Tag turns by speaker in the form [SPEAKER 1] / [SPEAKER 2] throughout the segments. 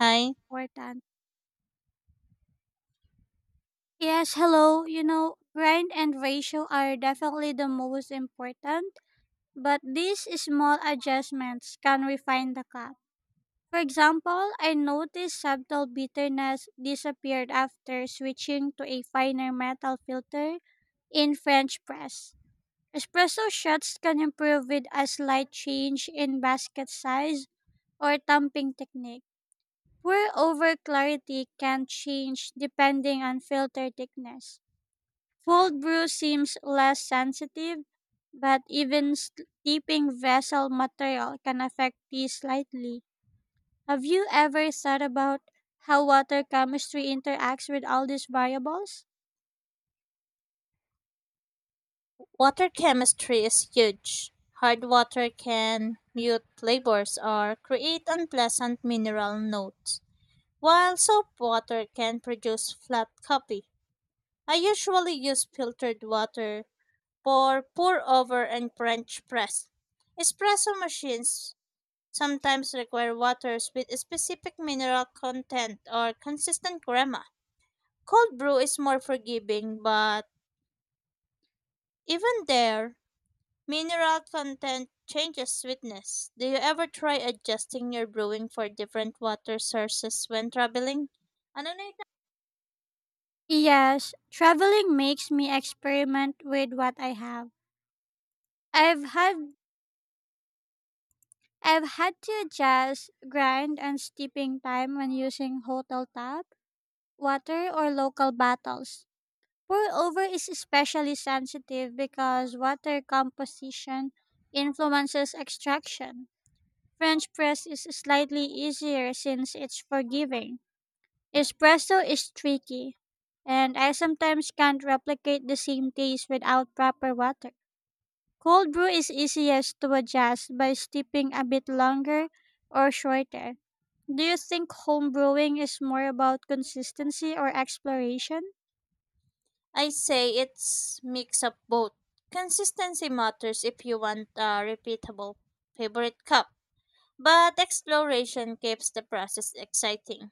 [SPEAKER 1] Hi.
[SPEAKER 2] Important. Yes, hello. Grind and ratio are definitely the most important, but these small adjustments can refine the cup. For example, I noticed subtle bitterness disappeared after switching to a finer metal filter in French press. Espresso shots can improve with a slight change in basket size or tamping technique, where over clarity can change depending on filter thickness. Cold brew seems less sensitive, but even steeping vessel material can affect tea slightly. Have you ever thought about how water chemistry interacts with all these variables?
[SPEAKER 1] Water chemistry is huge. Hard water can mute flavors or create unpleasant mineral notes, while soap water can produce flat copy. I usually use filtered water for pour over and French press. Espresso machines sometimes require waters with specific mineral content or consistent crema. Cold brew is more forgiving, but even there, mineral content changes sweetness. Do you ever try adjusting your brewing for different water sources when traveling? Ano na ito?
[SPEAKER 2] Yes, traveling makes me experiment with what I have. I've had I've had to adjust grind and steeping time when using hotel tap, water or local bottles. Pour over is especially sensitive because water composition influences extraction. French press is slightly easier since it's forgiving. Espresso is tricky, and I sometimes can't replicate the same taste without proper water. Cold brew is easiest to adjust by steeping a bit longer or shorter. Do you think home brewing is more about consistency or exploration?
[SPEAKER 1] I say it's mix up both. Consistency matters if you want a repeatable favorite cup, but exploration keeps the process exciting.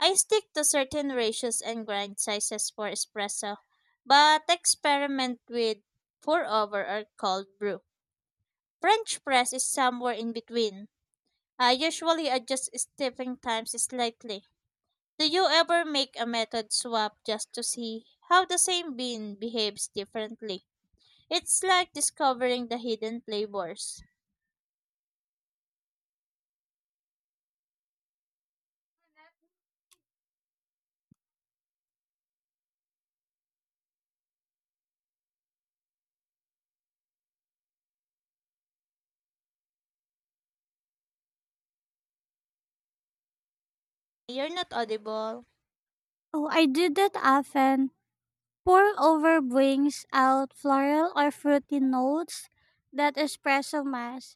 [SPEAKER 1] I stick to certain ratios and grind sizes for espresso, but experiment with pour over or cold brew. French press is somewhere in between. I usually adjust stepping times slightly. Do you ever make a method swap just to see how the same bean behaves differently? It's like discovering the hidden flavors. You're not audible.
[SPEAKER 2] Oh, I do that often. Pour over brings out floral or fruity notes that espresso mass.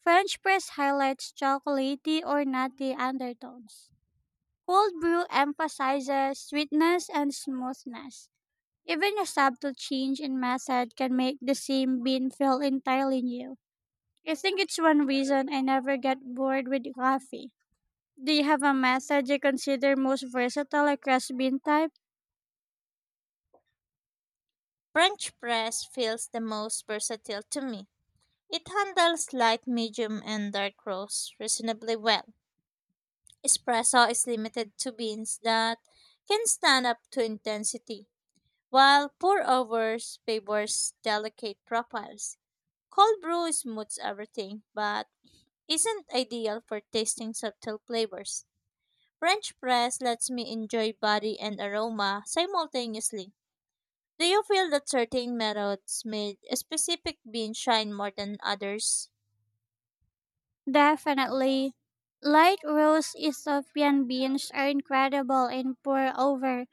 [SPEAKER 2] French press highlights chocolatey or nutty undertones. Cold brew emphasizes sweetness and smoothness. Even a subtle change in method can make the same bean feel entirely new. I think it's one reason I never get bored with coffee. Do you have a method you consider most versatile across bean types?
[SPEAKER 1] French press feels the most versatile to me. It handles light, medium, and dark roast reasonably well. Espresso is limited to beans that can stand up to intensity, while pour-overs favors delicate profiles. Cold brew smooths everything, but isn't ideal for tasting subtle flavors. French press lets me enjoy body and aroma simultaneously. Do you feel that certain methods made a specific bean shine more than others?
[SPEAKER 2] Definitely. Light roast Ethiopian beans are incredible and pour over,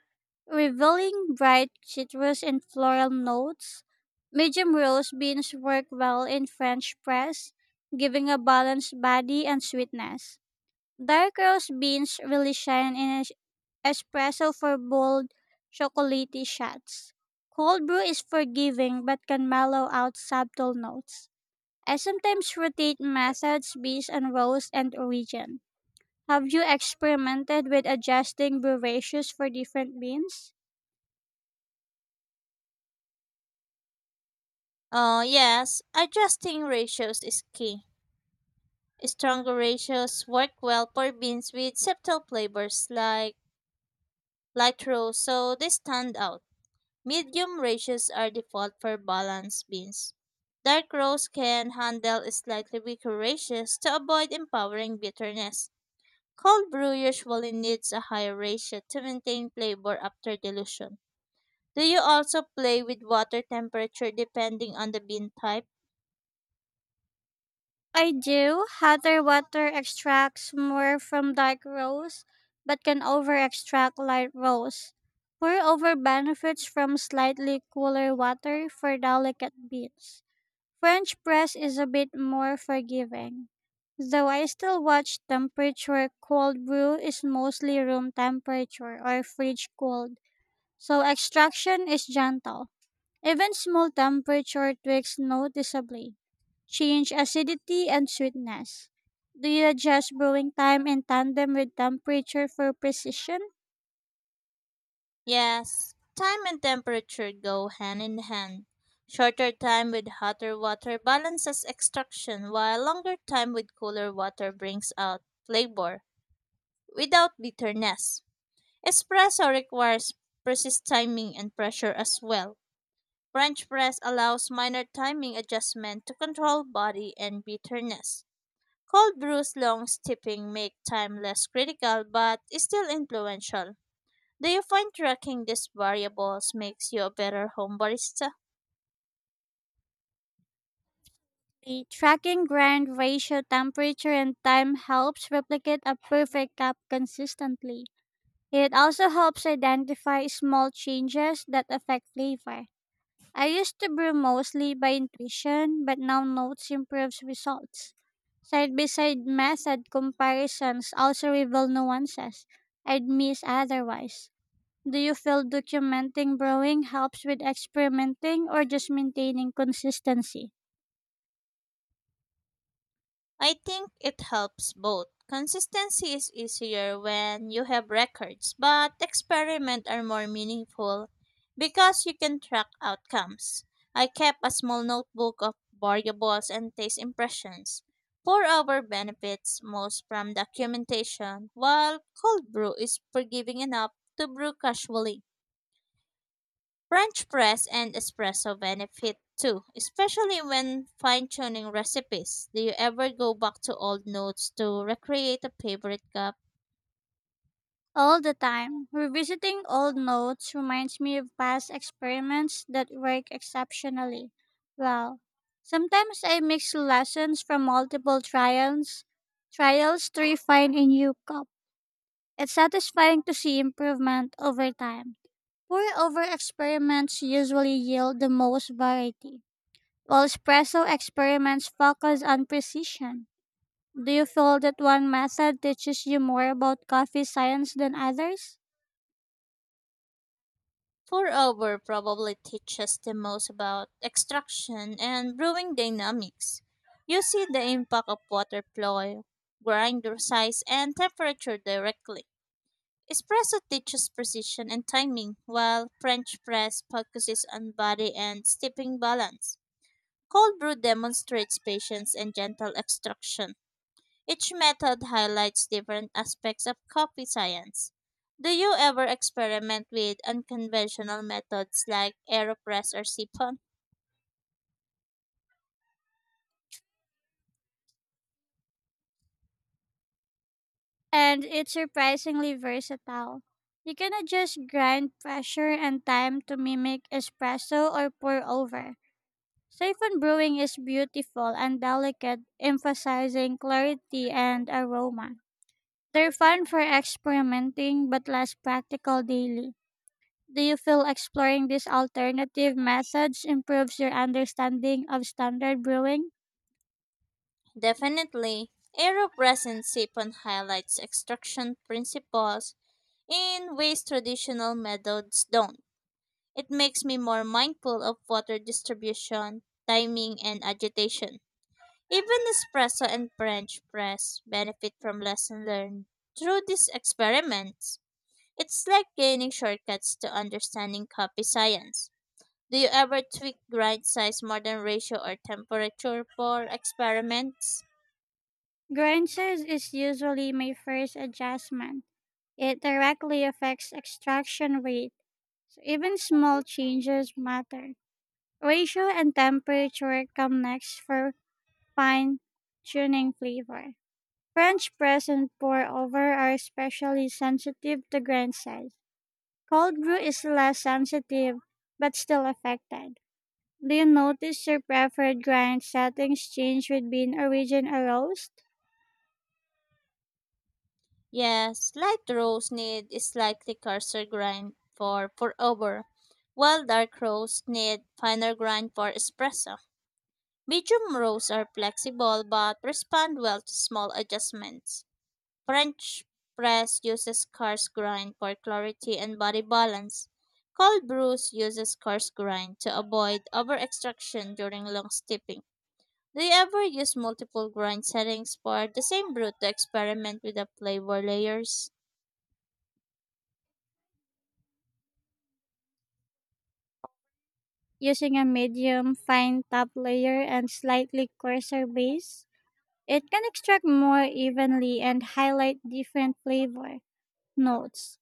[SPEAKER 2] revealing bright citrus and floral notes. Medium roast beans work well in French press, giving a balanced body and sweetness. Dark roast beans really shine in espresso for bold, chocolatey shots. Cold brew is forgiving but can mellow out subtle notes. I sometimes rotate methods based on roles and origin. Have you experimented with adjusting brewerages for different beans?
[SPEAKER 1] Yes, adjusting ratios is key. Stronger ratios work well for beans with subtle flavors like light roast, so they stand out. Medium ratios are default for balanced beans. Dark roast can handle slightly weaker ratios to avoid empowering bitterness. Cold brew usually needs a higher ratio to maintain flavor after dilution. Do you also play with water temperature depending on the bean type?
[SPEAKER 2] I do. Hotter water extracts more from dark rows, but can over extract light rows. Pour over benefits from slightly cooler water for delicate beans. French press is a bit more forgiving, though I still watch temperature. Cold brew is mostly room temperature or fridge cold, so extraction is gentle. Even small temperature tweaks noticeably change acidity and sweetness. Do you adjust brewing time in tandem with temperature for precision?
[SPEAKER 1] Yes, time and temperature go hand in hand. Shorter time with hotter water balances extraction, while longer time with cooler water brings out flavor without bitterness. Espresso requires precise timing and pressure as well. French press allows minor timing adjustment to control body and bitterness. Cold brews long steeping make time less critical but still influential. Do you find tracking these variables makes you a better home barista?
[SPEAKER 2] The tracking grind ratio temperature and time helps replicate a perfect cup consistently. It also helps identify small changes that affect flavor. I used to brew mostly by intuition, but now notes improves results. Side by side method comparisons also reveal nuances I'd miss otherwise. Do you feel documenting brewing helps with experimenting or just maintaining consistency?
[SPEAKER 1] I think it helps both. Consistency is easier when you have records, but experiments are more meaningful because you can track outcomes. I kept a small notebook of variables and taste impressions. For our benefits, most from documentation, while cold brew is forgiving enough to brew casually. French press and espresso benefit too, especially when fine tuning recipes. Do you ever go back to old notes to recreate a favorite cup?
[SPEAKER 2] All the time. Revisiting old notes reminds me of past experiments that work exceptionally well. Sometimes I mix lessons from multiple trials to refine a new cup. It's satisfying to see improvement over time. Pour over experiments usually yield the most variety, while espresso experiments focus on precision. Do you feel that one method teaches you more about coffee science than others?
[SPEAKER 1] Pour over probably teaches the most about extraction and brewing dynamics. You see the impact of water flow, grinder size, and temperature directly. Espresso teaches precision and timing, while French press focuses on body and steeping balance. Cold brew demonstrates patience and gentle extraction. Each method highlights different aspects of coffee science. Do you ever experiment with unconventional methods like AeroPress or Siphon?
[SPEAKER 2] And it's surprisingly versatile. You can adjust grind pressure and time to mimic espresso or pour over. Siphon brewing is beautiful and delicate, emphasizing clarity and aroma. They're fun for experimenting but less practical daily. Do you feel exploring these alternative methods improves your understanding of standard brewing?
[SPEAKER 1] Definitely. AeroPress and Siphon highlights extraction principles in ways traditional methods don't. It makes me more mindful of water distribution, timing, and agitation. Even espresso and French press benefit from lessons learned through these experiments. It's like gaining shortcuts to understanding coffee science. Do you ever tweak grind size more than ratio or temperature for experiments?
[SPEAKER 2] Grind size is usually my first adjustment. It directly affects extraction rate, so even small changes matter. Ratio and temperature come next for fine tuning flavor. French press and pour over are especially sensitive to grain size. Cold brew is less sensitive but still affected. Do you notice your preferred grind settings change with bean origin or roast?
[SPEAKER 1] Yes, light roast need a slightly coarser grind for pour over, while dark roast need finer grind for espresso. Medium roasts are flexible but respond well to small adjustments. French press uses coarse grind for clarity and body balance. Cold brews uses coarse grind to avoid over extraction during long steeping. Do you ever use multiple grind settings for the same brew to experiment with the flavor layers?
[SPEAKER 2] Using a medium, fine top layer and slightly coarser base? It can extract more evenly and highlight different flavor notes.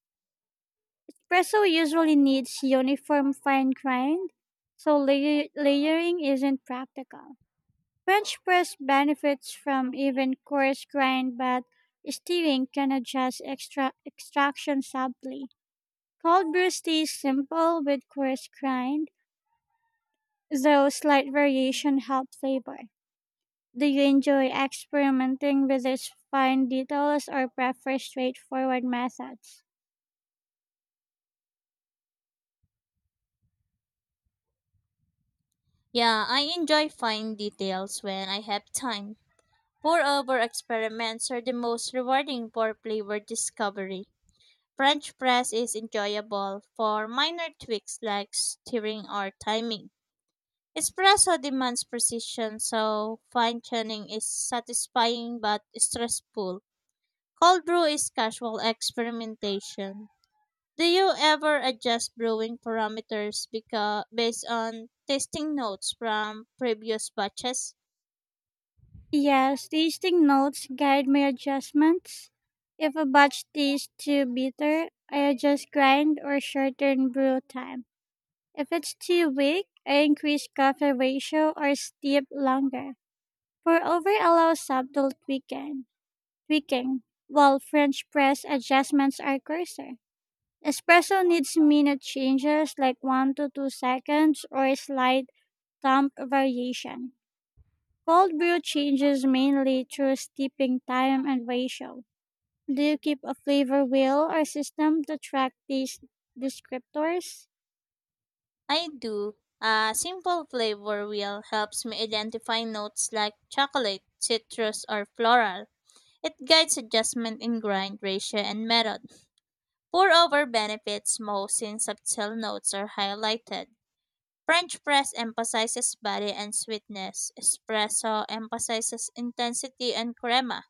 [SPEAKER 2] Espresso usually needs uniform fine grind, so layering isn't practical. French press benefits from even coarse grind, but stirring can adjust extraction subtly. Cold brew stays simple with coarse grind, though slight variation help flavor. Do you enjoy experimenting with these fine details or prefer straightforward methods?
[SPEAKER 1] Yeah, I enjoy fine details when I have time. Pour over experiments are the most rewarding for flavor discovery. French press is enjoyable for minor tweaks like stirring or timing. Espresso demands precision, so fine tuning is satisfying but stressful. Cold brew is casual experimentation. Do you ever adjust brewing parameters because based on tasting notes from previous batches?
[SPEAKER 2] Yes, tasting notes guide my adjustments. If a batch tastes too bitter, I adjust grind or shorten brew time. If it's too weak, I increase coffee ratio or steep longer. For over allows subtle tweaking, while French press adjustments are coarser. Espresso needs minute changes like 1 to 2 seconds or a slight thump variation. Cold brew changes mainly through steeping time and ratio. Do you keep a flavor wheel or system to track these descriptors?
[SPEAKER 1] I do. A simple flavor wheel helps me identify notes like chocolate, citrus, or floral. It guides adjustment in grind ratio and method. Pour over benefits most in subtle notes are highlighted. French press emphasizes body and sweetness. Espresso emphasizes intensity and crema.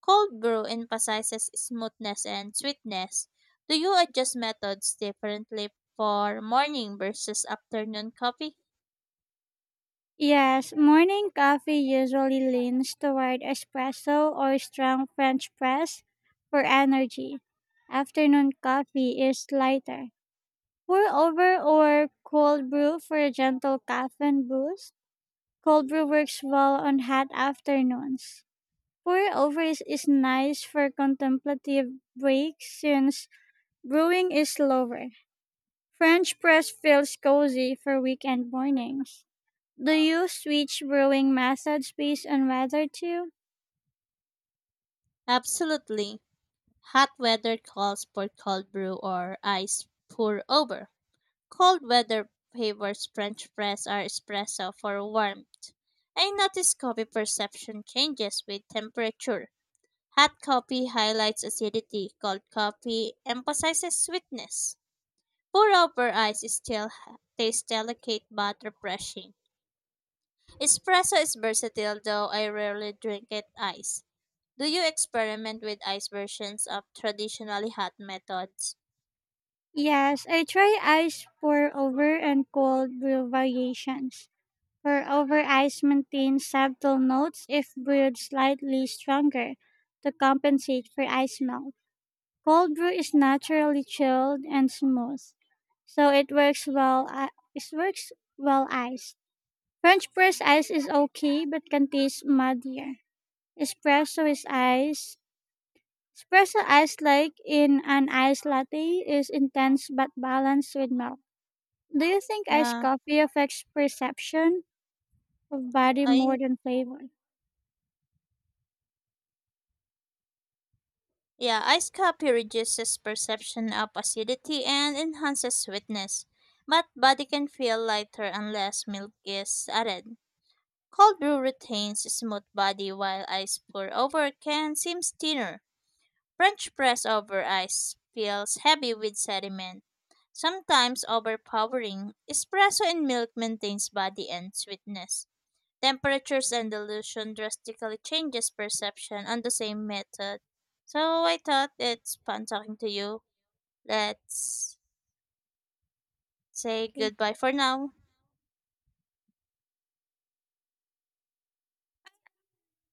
[SPEAKER 1] Cold brew emphasizes smoothness and sweetness. Do you adjust methods differently for morning versus afternoon coffee?
[SPEAKER 2] Yes, morning coffee usually leans toward espresso or strong French press for energy. Afternoon coffee is lighter, pour over or cold brew for a gentle caffeine boost. Cold brew works well on hot afternoons. Pour over is nice for contemplative breaks since brewing is slower. French press feels cozy for weekend mornings. Do you switch brewing methods based on weather too?
[SPEAKER 1] Absolutely. Hot weather calls for cold brew or ice pour over. Cold weather favors French press or espresso for warmth. I notice coffee perception changes with temperature. Hot coffee highlights acidity, cold coffee emphasizes sweetness. Pour over ice is still tastes delicate but refreshing. Espresso is versatile though I rarely drink it ice. Do you experiment with ice versions of traditionally hot methods?
[SPEAKER 2] Yes, I try ice pour over and cold brew variations. Her over ice maintains subtle notes if brewed slightly stronger to compensate for ice melt. Cold brew is naturally chilled and smooth, so it works well. It works well iced. French press ice is okay, but can taste muddier. Espresso is ice. Espresso ice, like in an iced latte, is intense but balanced with milk. Do you think iced
[SPEAKER 1] Uh,
[SPEAKER 2] coffee affects perception of body
[SPEAKER 1] I
[SPEAKER 2] more than flavor?
[SPEAKER 1] Yeah, iced coffee reduces perception of acidity and enhances sweetness, but body can feel lighter unless milk is added. Cold brew retains smooth body while ice pour over can seem thinner. French press over ice feels heavy with sediment, sometimes overpowering. Espresso and milk maintains body and sweetness, temperatures and dilution drastically changes perception on the same method. So I thought it's fun talking to you. Let's say
[SPEAKER 2] Okay.
[SPEAKER 1] goodbye for now.